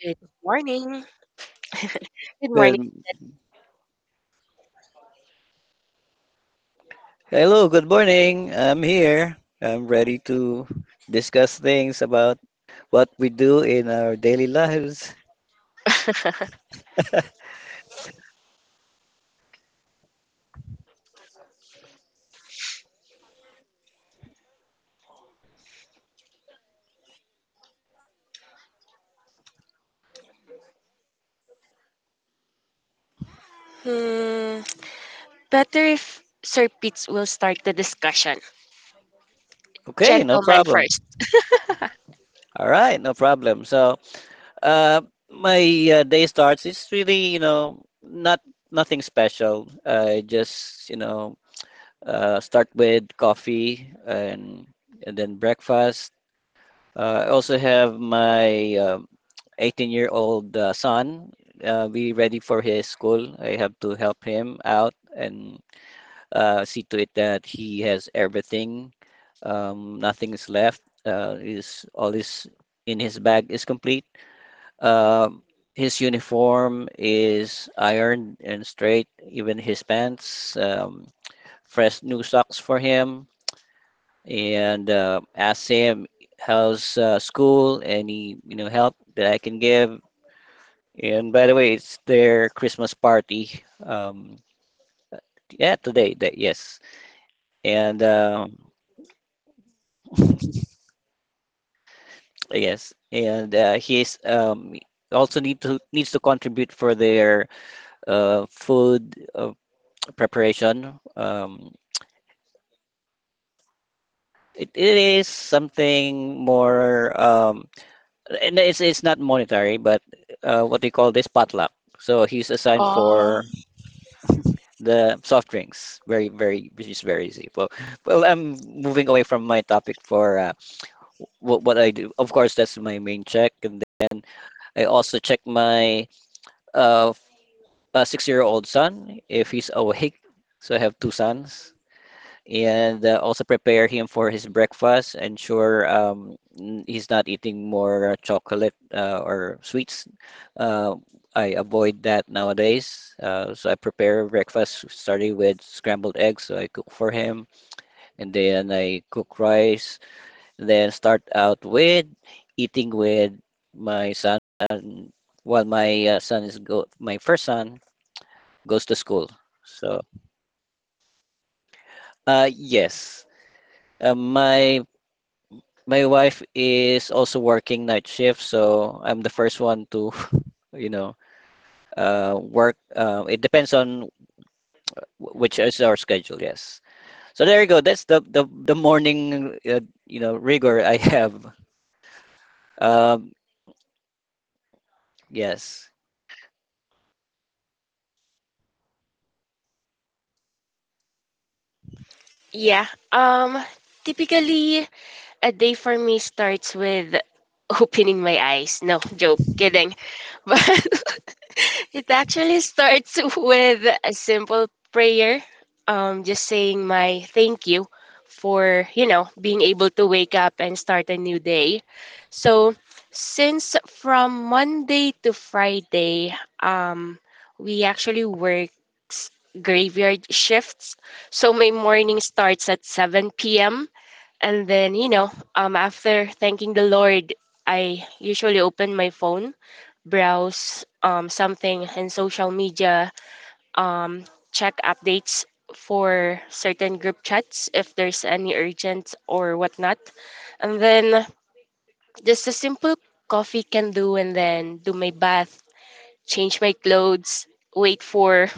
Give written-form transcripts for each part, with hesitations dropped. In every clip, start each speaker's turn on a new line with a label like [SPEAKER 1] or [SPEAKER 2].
[SPEAKER 1] Good morning. Good morning.
[SPEAKER 2] Good. Hello, good morning. I'm here. I'm ready to discuss things about what we do in our daily lives.
[SPEAKER 1] Hmm, better if Sir Pitts will start the discussion.
[SPEAKER 2] Okay, no
[SPEAKER 1] Gentlemen
[SPEAKER 2] problem.
[SPEAKER 1] first.
[SPEAKER 2] All right, no problem. So, uh, my day starts. It's really, you know, not nothing special. I just, you know, start with coffee and then breakfast. I also have my 18-year-old son be ready for his school. I have to help him out and see to it that he has everything. Nothing is left. Is all is in his bag is complete. Um, his uniform is ironed and straight. Even his pants, fresh new socks for him, and ask him how's school, any, you know, help that I can give. And by the way, it's their Christmas party. Yeah, today. That, yes. And yes, and he's also needs to contribute for their food preparation. It is something more, and it's not monetary, but what they call this, potluck. So he's assigned
[SPEAKER 1] Oh,
[SPEAKER 2] for the soft drinks, very which is very easy. Well, I'm moving away from my topic. For what I do, of course, that's my main check. And then I also check my uh, 6-year old son if he's awake. So I have two sons, and also prepare him for his breakfast. Ensure he's not eating more chocolate or sweets. Uh, I avoid that nowadays. So I prepare breakfast starting with scrambled eggs. So I cook for him, and then I cook rice. Then start out with eating with my son. And while my first son goes to school. So yes, uh, my my wife is also working night shift, so I'm the first one to, you know, work. It depends on which is our schedule. Yes. So there you go. That's the morning, you know, rigor I have. Um, yes.
[SPEAKER 1] yeah. Um, Typically, a day for me starts with opening my eyes. No, joke. Kidding. But it actually starts with a simple prayer. Just saying my thank you for, you know, being able to wake up and start a new day. So, since from Monday to Friday, um, we actually work s- graveyard shifts. So, my morning starts at 7 p.m. and then, you know, after thanking the Lord, I usually open my phone, browse something in social media, um, check updates for certain group chats if there's any urgent or whatnot. And then just a simple coffee can do, and then do my bath, change my clothes, wait for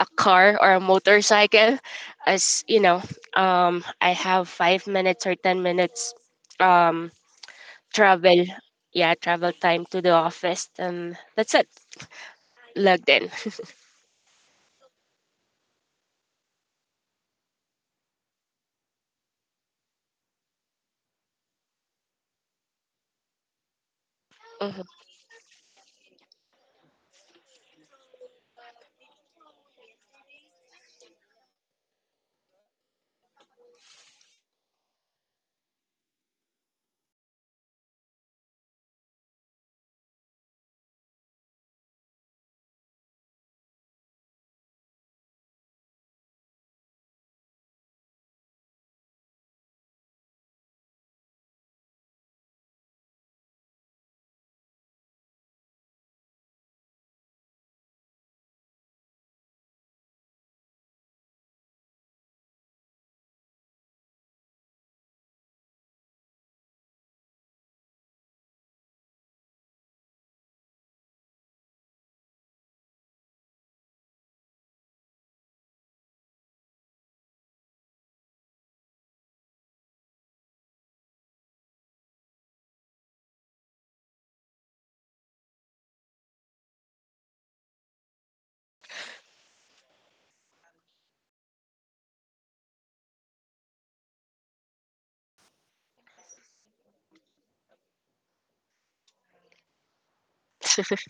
[SPEAKER 1] a car or a motorcycle as you know, I have 5 minutes or 10 minutes um travel, yeah, travel time to the office, and that's it. Logged in. Mhm.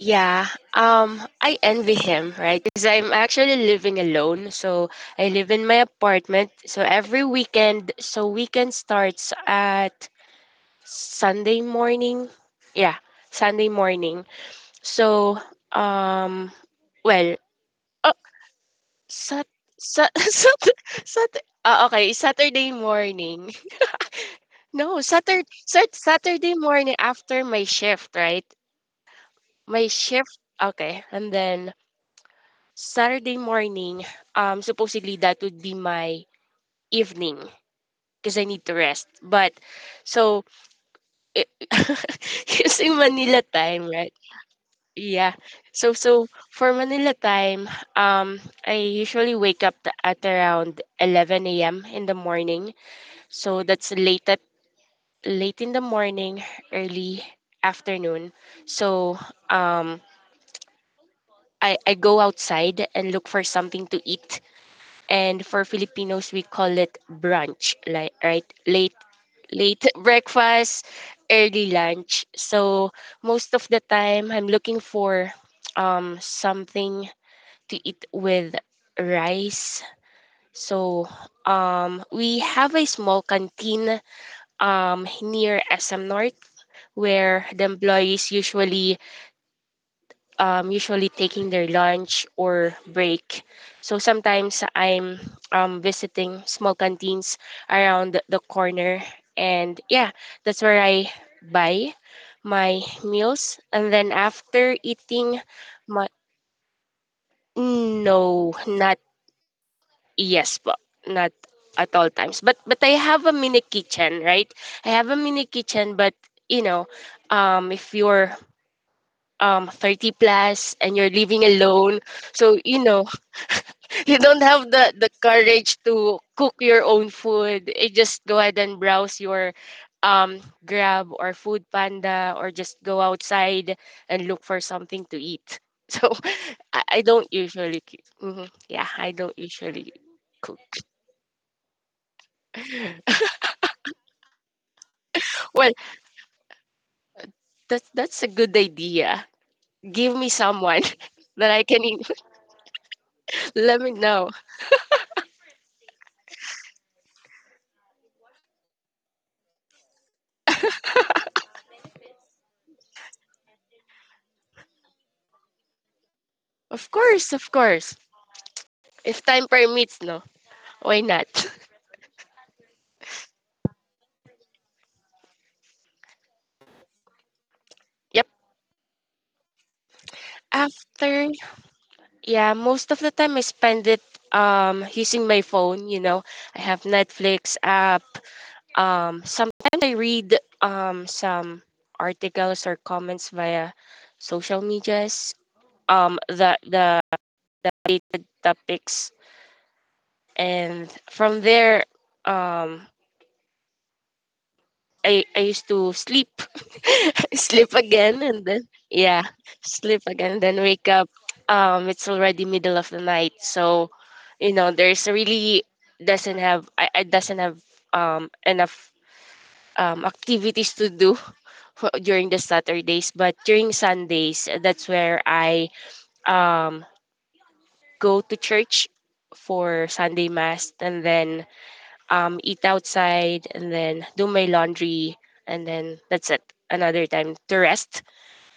[SPEAKER 1] Yeah, I envy him, right? Because I'm actually living alone, so I live in my apartment. So every weekend, so weekend starts at Sunday morning. Yeah, Sunday morning. So um well Oh, Sat sa Sat Okay, Saturday morning. No, Saturday morning after my shift, right? My shift, okay, and then Saturday morning, supposedly that would be my evening. Cause I need to rest. But so I using Manila time, right? Yeah. So for Manila time, um, I usually wake up at around 11 AM in the morning. So that's late at, late in the morning, early afternoon. So um, I go outside and look for something to eat. And for Filipinos, we call it brunch, like right late breakfast, early lunch. So most of the time, I'm looking for something to eat with rice. So we have a small canteen near SM North where the employees usually usually taking their lunch or break. So sometimes I'm visiting small canteens around the corner, and yeah, that's where I buy my meals. And then after eating, my no, not yes, but not at all times. But I have a mini kitchen, right? I have a mini kitchen, but you know, if you're 30 plus and you're living alone, so you know, you don't have the courage to cook your own food. You just go ahead and browse your um Grab or Food Panda or just go outside and look for something to eat. So I, don't usually mm-hmm, yeah, I don't usually cook. Well, that's a good idea. Give me someone that I can eat. Let me know, of course, of course, if time permits. No, why not? Yep. After, yeah, most of the time I spend it using my phone, you know. I have Netflix app. Sometimes I read some articles or comments via social medias, the related topics, and from there um I used to sleep, sleep again, and then yeah, sleep again, and then wake up. It's already middle of the night, so you know, there's really doesn't have I doesn't have enough activities to do for, during the Saturdays, but during Sundays, that's where I um go to church for Sunday mass, and then eat outside, and then do my laundry, and then that's it. Another time to rest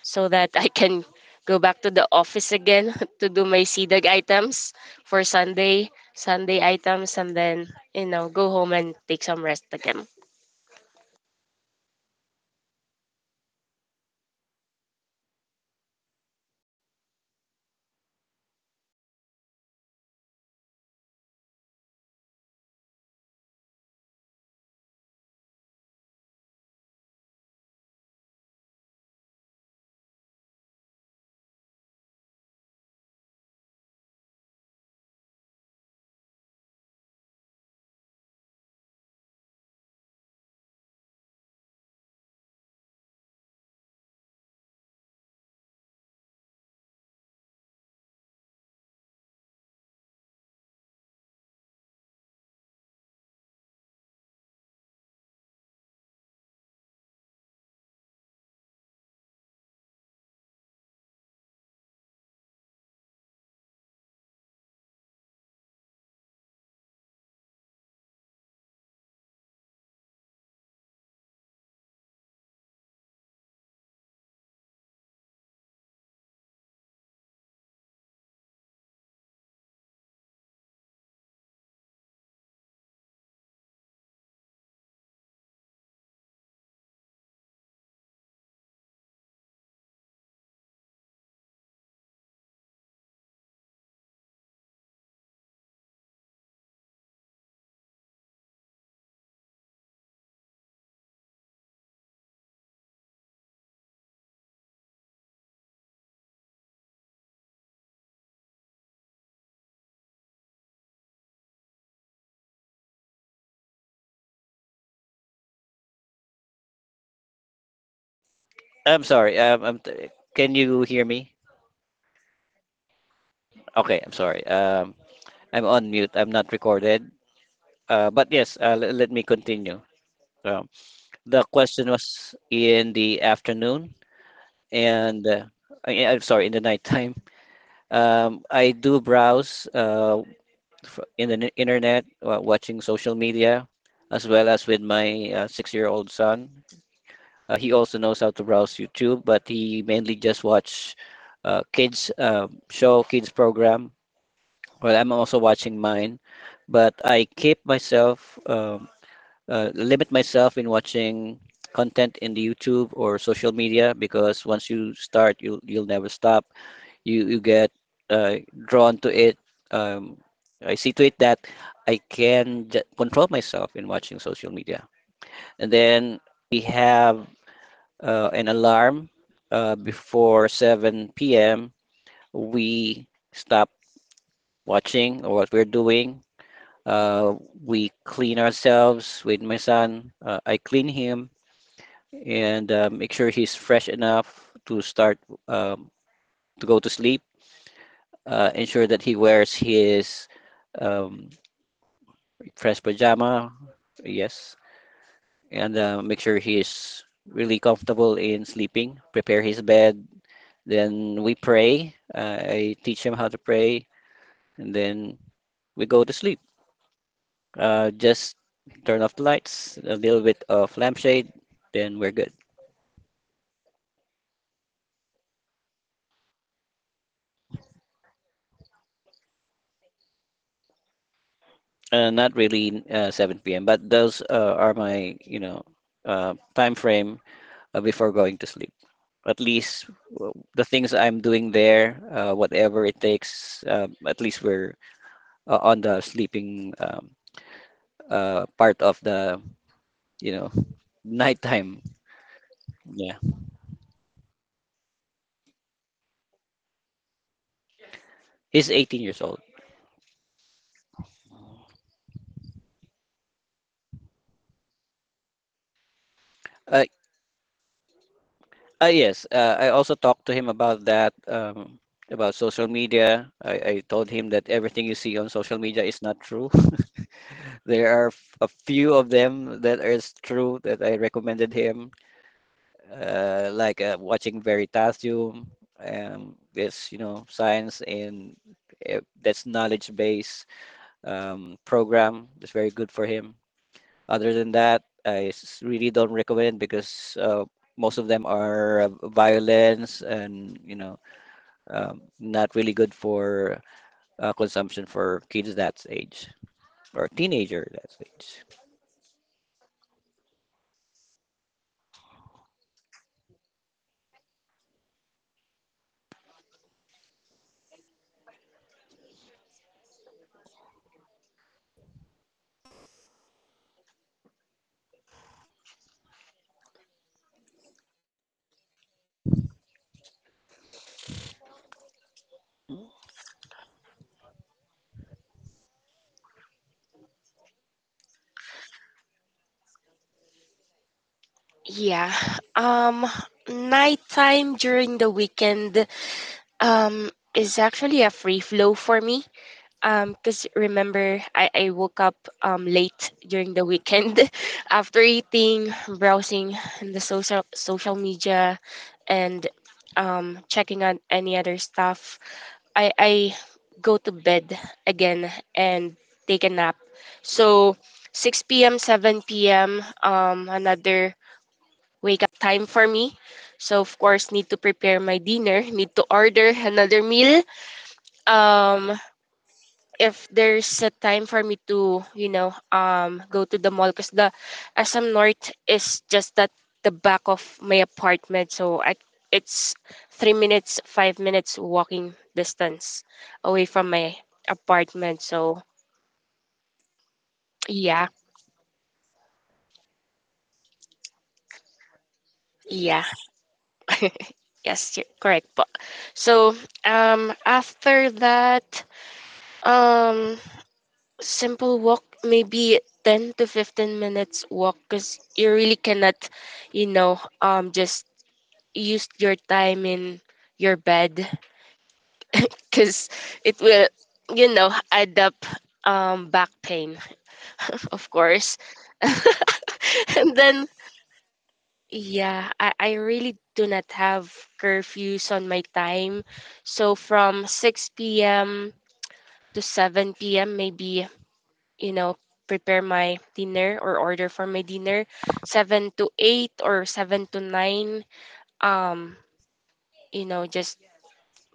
[SPEAKER 1] so that I can go back to the office again to do my CDAG items for Sunday, Sunday items, and then, you know, go home and take some rest again.
[SPEAKER 2] I'm sorry. Can you hear me? Okay. I'm sorry. I'm on mute. I'm not recorded. But yes. Let me continue. Um, the question was in the afternoon. And I'm sorry, in the nighttime. I do browse in the internet, watching social media, as well as with my six-year-old son. He also knows how to browse YouTube, but he mainly just watch kids show, kids program. Well, I'm also watching mine, but I keep myself, limit myself in watching content in the YouTube or social media, because once you start, you'll never stop. You get uh, drawn to it. Um, I see to it that I can control myself in watching social media. And then we have an alarm before 7 p.m. We stop watching or what we're doing. Uh, we clean ourselves, with my son. I clean him and make sure he's fresh enough to start, um, to go to sleep. Ensure that he wears his um, fresh pajama, yes, and make sure he is really comfortable in sleeping. Prepare his bed. Then we pray. I teach him how to pray, and then we go to sleep. Just turn off the lights, a little bit of lampshade, then we're good. Not really 7 p.m., but those are my, you know, time frame before going to sleep. At least the things I'm doing there, whatever it takes, at least we're on the sleeping part of the, you know, nighttime. Yeah. He's 18 years old. Uh, yes, I also talked to him about that, about social media. I told him that everything you see on social media is not true. There are a few of them that is true that I recommended him. Like watching Veritasium. This, you know, science and that's knowledge-based program is very good for him. Other than that, I really don't recommend, because most of them are violence, and, you know, not really good for consumption for kids that age or teenager that age.
[SPEAKER 1] Yeah. Um, Nighttime during the weekend is actually a free flow for me. Cause remember, I woke up late during the weekend. After eating, browsing the social media, and checking on any other stuff, I go to bed again and take a nap. So 6 p.m., 7 p.m. Another wake up time for me. So of course, need to prepare my dinner. Need to order another meal. Um, if there's a time for me to, you know, go to the mall, because the SM North is just at the back of my apartment. So I, it's 3 minutes, 5 minutes walking distance away from my apartment. So yeah, yeah. Yes, you're correct. But so after that, um simple walk, maybe 10 to 15 minutes walk, because you really cannot, you know, just use your time in your bed, because it will, you know, add up back pain, of course. And then, yeah, I really do not have curfews on my time. So from 6 p.m. to 7 p.m., maybe you know, prepare my dinner or order for my dinner, 7 to 8 or 7 to 9, um, you know, just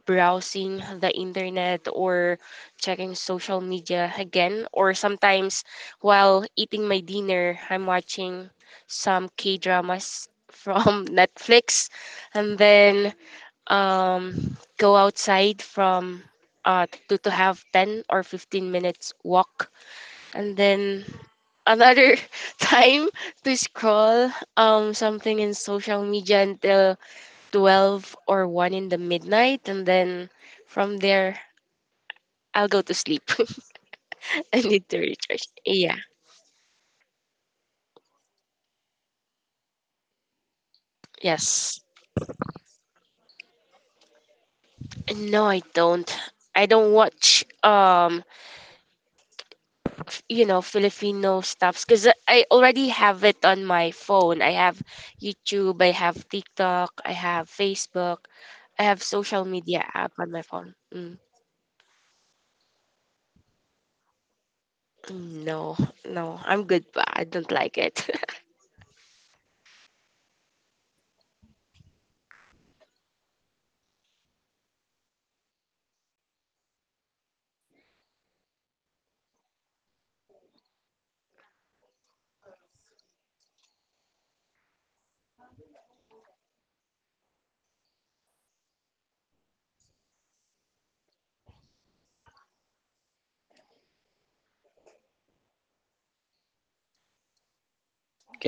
[SPEAKER 1] browsing the internet or checking social media again. Or sometimes while eating my dinner, I'm watching some K dramas from Netflix, and then go outside from to have 10 or 15 minutes walk, and then another time to scroll something in social media until 12 or 1 in the midnight, and then from there I'll go to sleep. I need to recharge. Yeah. Yes. No, I don't. Watch you know, Filipino stuffs, cuz I already have it on my phone. I have YouTube, I have TikTok, I have Facebook. I have social media app on my phone. Mm. Mm, no, no, I'm good, but I don't like it.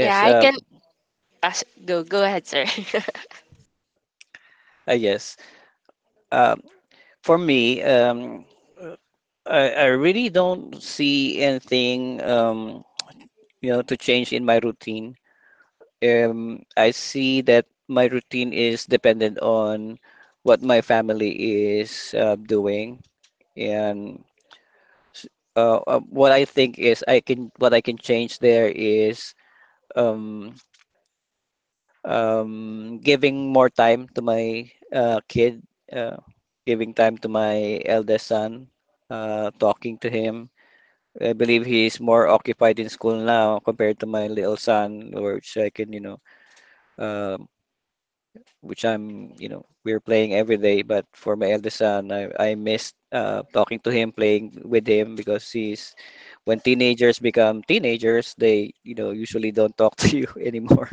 [SPEAKER 1] Yeah, I can pass. Go, go ahead, sir.
[SPEAKER 2] I guess. Um, for me, uh, I really don't see anything, you know, to change in my routine. I see that my routine is dependent on what my family is doing, and s- what I think is, I can, what I can change there is, um, giving more time to my kid, uh, giving time to my eldest son, talking to him. I believe he is more occupied in school now compared to my little son, which I can, you know, um, which I'm, you know, we're playing every day. But for my eldest son, I missed talking to him, playing with him, because he's, when teenagers become teenagers, they, you know, usually don't talk to you anymore.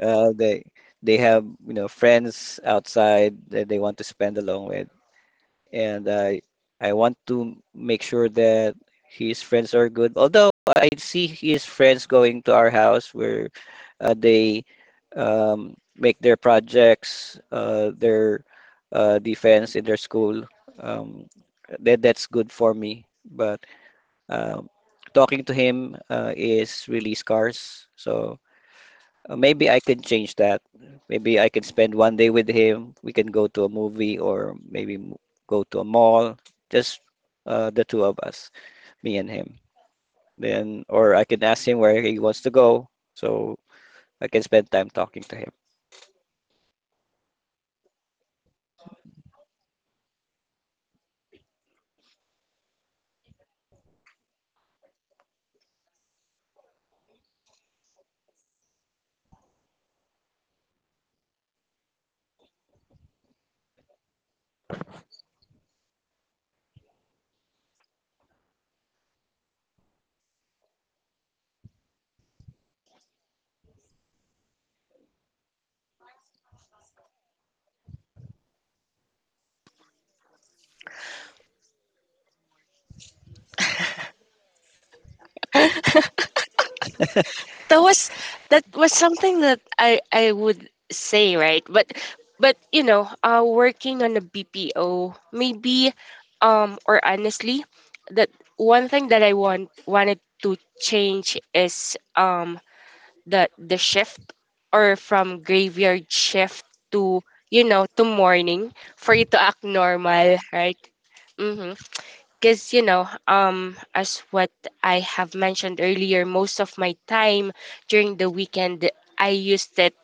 [SPEAKER 2] Uh, they, they have, you know, friends outside that they want to spend along with. And I want to make sure that his friends are good. Although I see his friends going to our house, where they make their projects, their defense in their school. Um, that's good for me. But um, talking to him is really scarce. So maybe I can change that. Maybe I can spend one day with him. We can go to a movie, or maybe go to a mall, just the two of us, me and him. Then, or I can ask him where he wants to go, so I can spend time talking to him.
[SPEAKER 1] that was that was something that I would say, right? But you know, working on a BPO, maybe, or honestly, that one thing that I wanted to change is the shift, or from graveyard shift to, you know, to morning, for you to act normal, right? Mm-hmm. Because you know, um, as what I have mentioned earlier, most of my time during the weekend I used it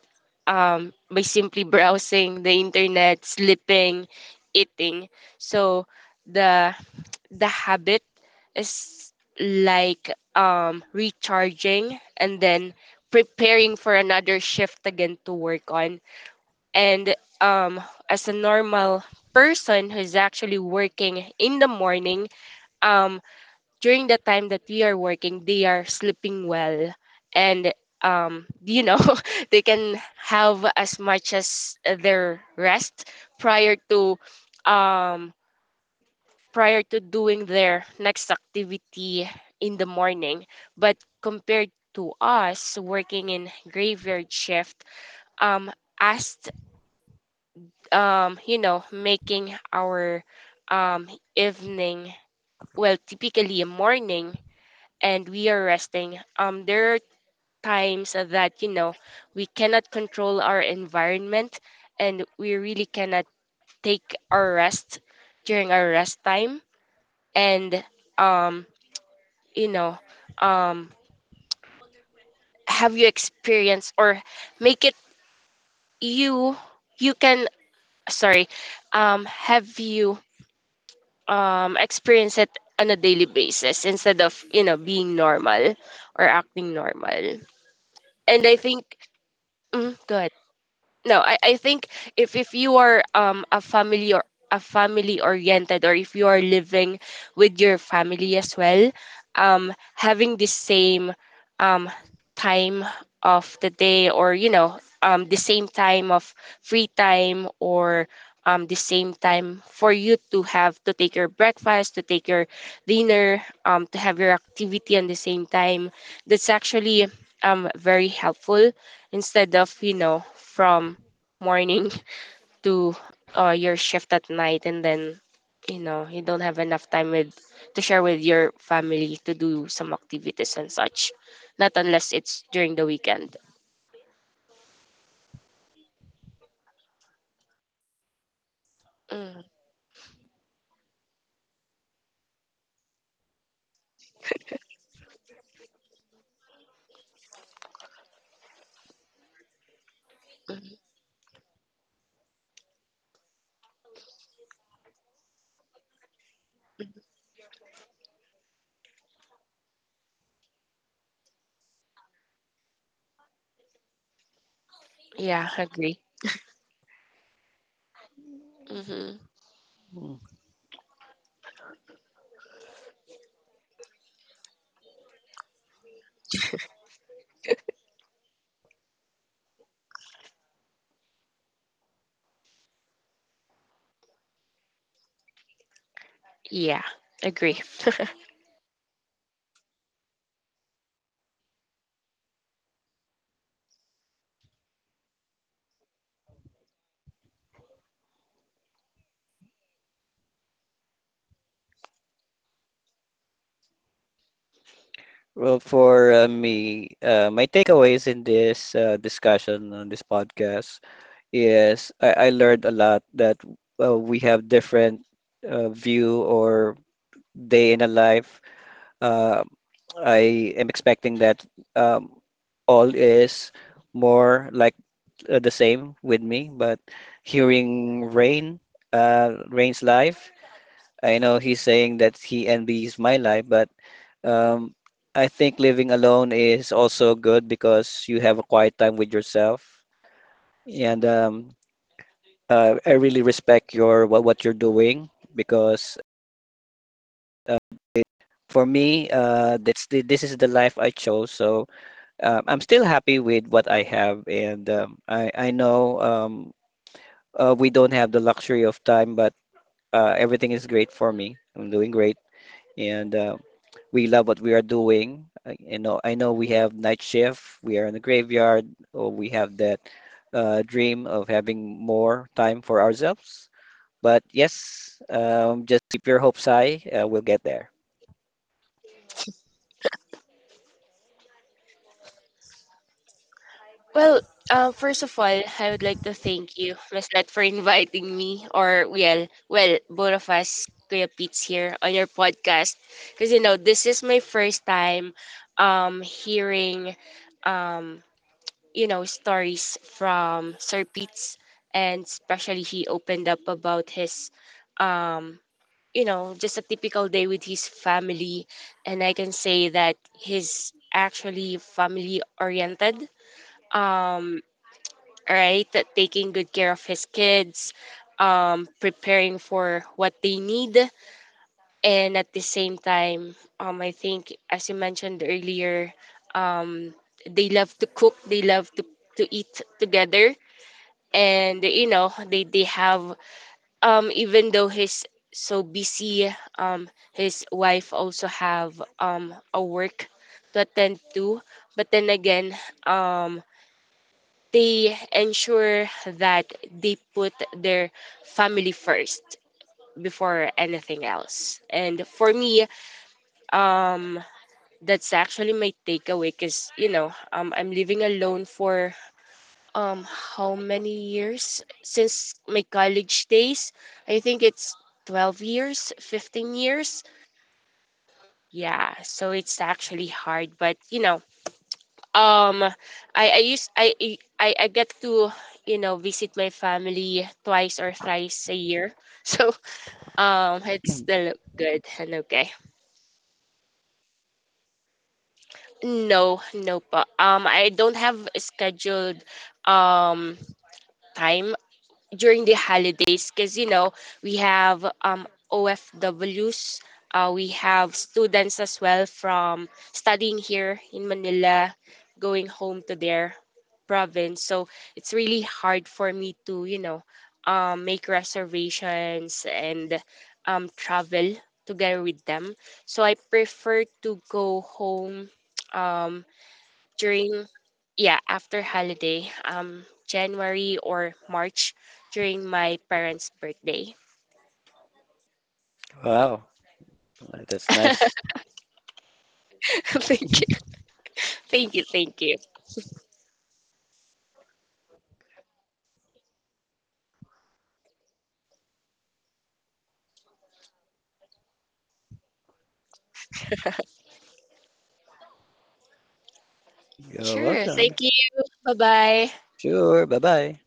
[SPEAKER 1] by simply browsing the internet, sleeping, eating. So the habit is like recharging and then preparing for another shift again to work on. And um, as a normal person who's actually working in the morning, um during the time that we are working, they are sleeping well, and you know, they can have as much as their rest prior to um, prior to doing their next activity in the morning. But compared to us working in graveyard shift, um, as you know, making our um, evening, well, typically a morning, and we are resting, there are times that, you know, we cannot control our environment, and we really cannot take our rest during our rest time. And, um, you know, um, have you experienced or make it you, you can, sorry, have you experience it on a daily basis instead of, you know, being normal or acting normal? And I think, mm, go ahead. No, I think if you are a family or a family oriented, or if you are living with your family as well, having the same um time of the day, or you know the same time of free time, or the same time for you to have to take your breakfast, to take your dinner, to have your activity at the same time, that's actually very helpful, instead of you know, from morning to your shift at night, and then you know you don't have enough time with to share with your family, to do some activities and such, not unless it's during the weekend. Mm mm. Yeah, agree. Hmm,
[SPEAKER 2] Mm.
[SPEAKER 1] yeah, agree.
[SPEAKER 2] Well, for me, my takeaways in this discussion on this podcast is, I learned a lot that we have different view or day in a life. Uh, I am expecting that um, all is more like the same with me. But hearing Rain, Rain's life, I know he's saying that he envies my life, but um, I think living alone is also good, because you have a quiet time with yourself. And I really respect your what you're doing, because uh, for me, that's the, this is the life I chose. So I'm still happy with what I have, and I know, we don't have the luxury of time, but everything is great for me. I'm doing great, and we love what we are doing. I, you know, I know we have night shift, we are in the graveyard, or we have that dream of having more time for ourselves. But yes, just keep your hopes high. We'll get there.
[SPEAKER 1] Well, first of all, I would like to thank you, Miss Nat, for inviting me, or well, well, both of us, Kuya Pete's here, on your podcast, because you know this is my first time, hearing, um, you know, stories from Sir Pete's, and especially he opened up about his, um, you know, just a typical day with his family, and I can say that he's actually family oriented. Um, right? That taking good care of his kids, preparing for what they need, and at the same time, I think as you mentioned earlier, um, they love to cook, they love to eat together, and you know they have even though he's so busy, his wife also have a work to attend to, but then again, um they ensure that they put their family first before anything else. And for me, um, that's actually my takeaway because, you know, I'm living alone for how many years? Since my college days, I think it's 12 years, 15 years. Yeah, so it's actually hard, but you know, um I used I get to you know visit my family twice or thrice a year. So it's still good and okay. No, no pa. I don't have a scheduled um time during the holidays because you know we have OFWs, we have students as well from studying here in Manila, going home to their province. So it's really hard for me to you know make reservations and travel together with them. So I prefer to go home. Um, During yeah after holiday January or March during my parents birthday.
[SPEAKER 2] Wow, that's nice.
[SPEAKER 1] Thank you, thank you, thank you.
[SPEAKER 2] You're
[SPEAKER 1] Sure,
[SPEAKER 2] welcome.
[SPEAKER 1] thank you. Bye bye.
[SPEAKER 2] Sure. Bye bye.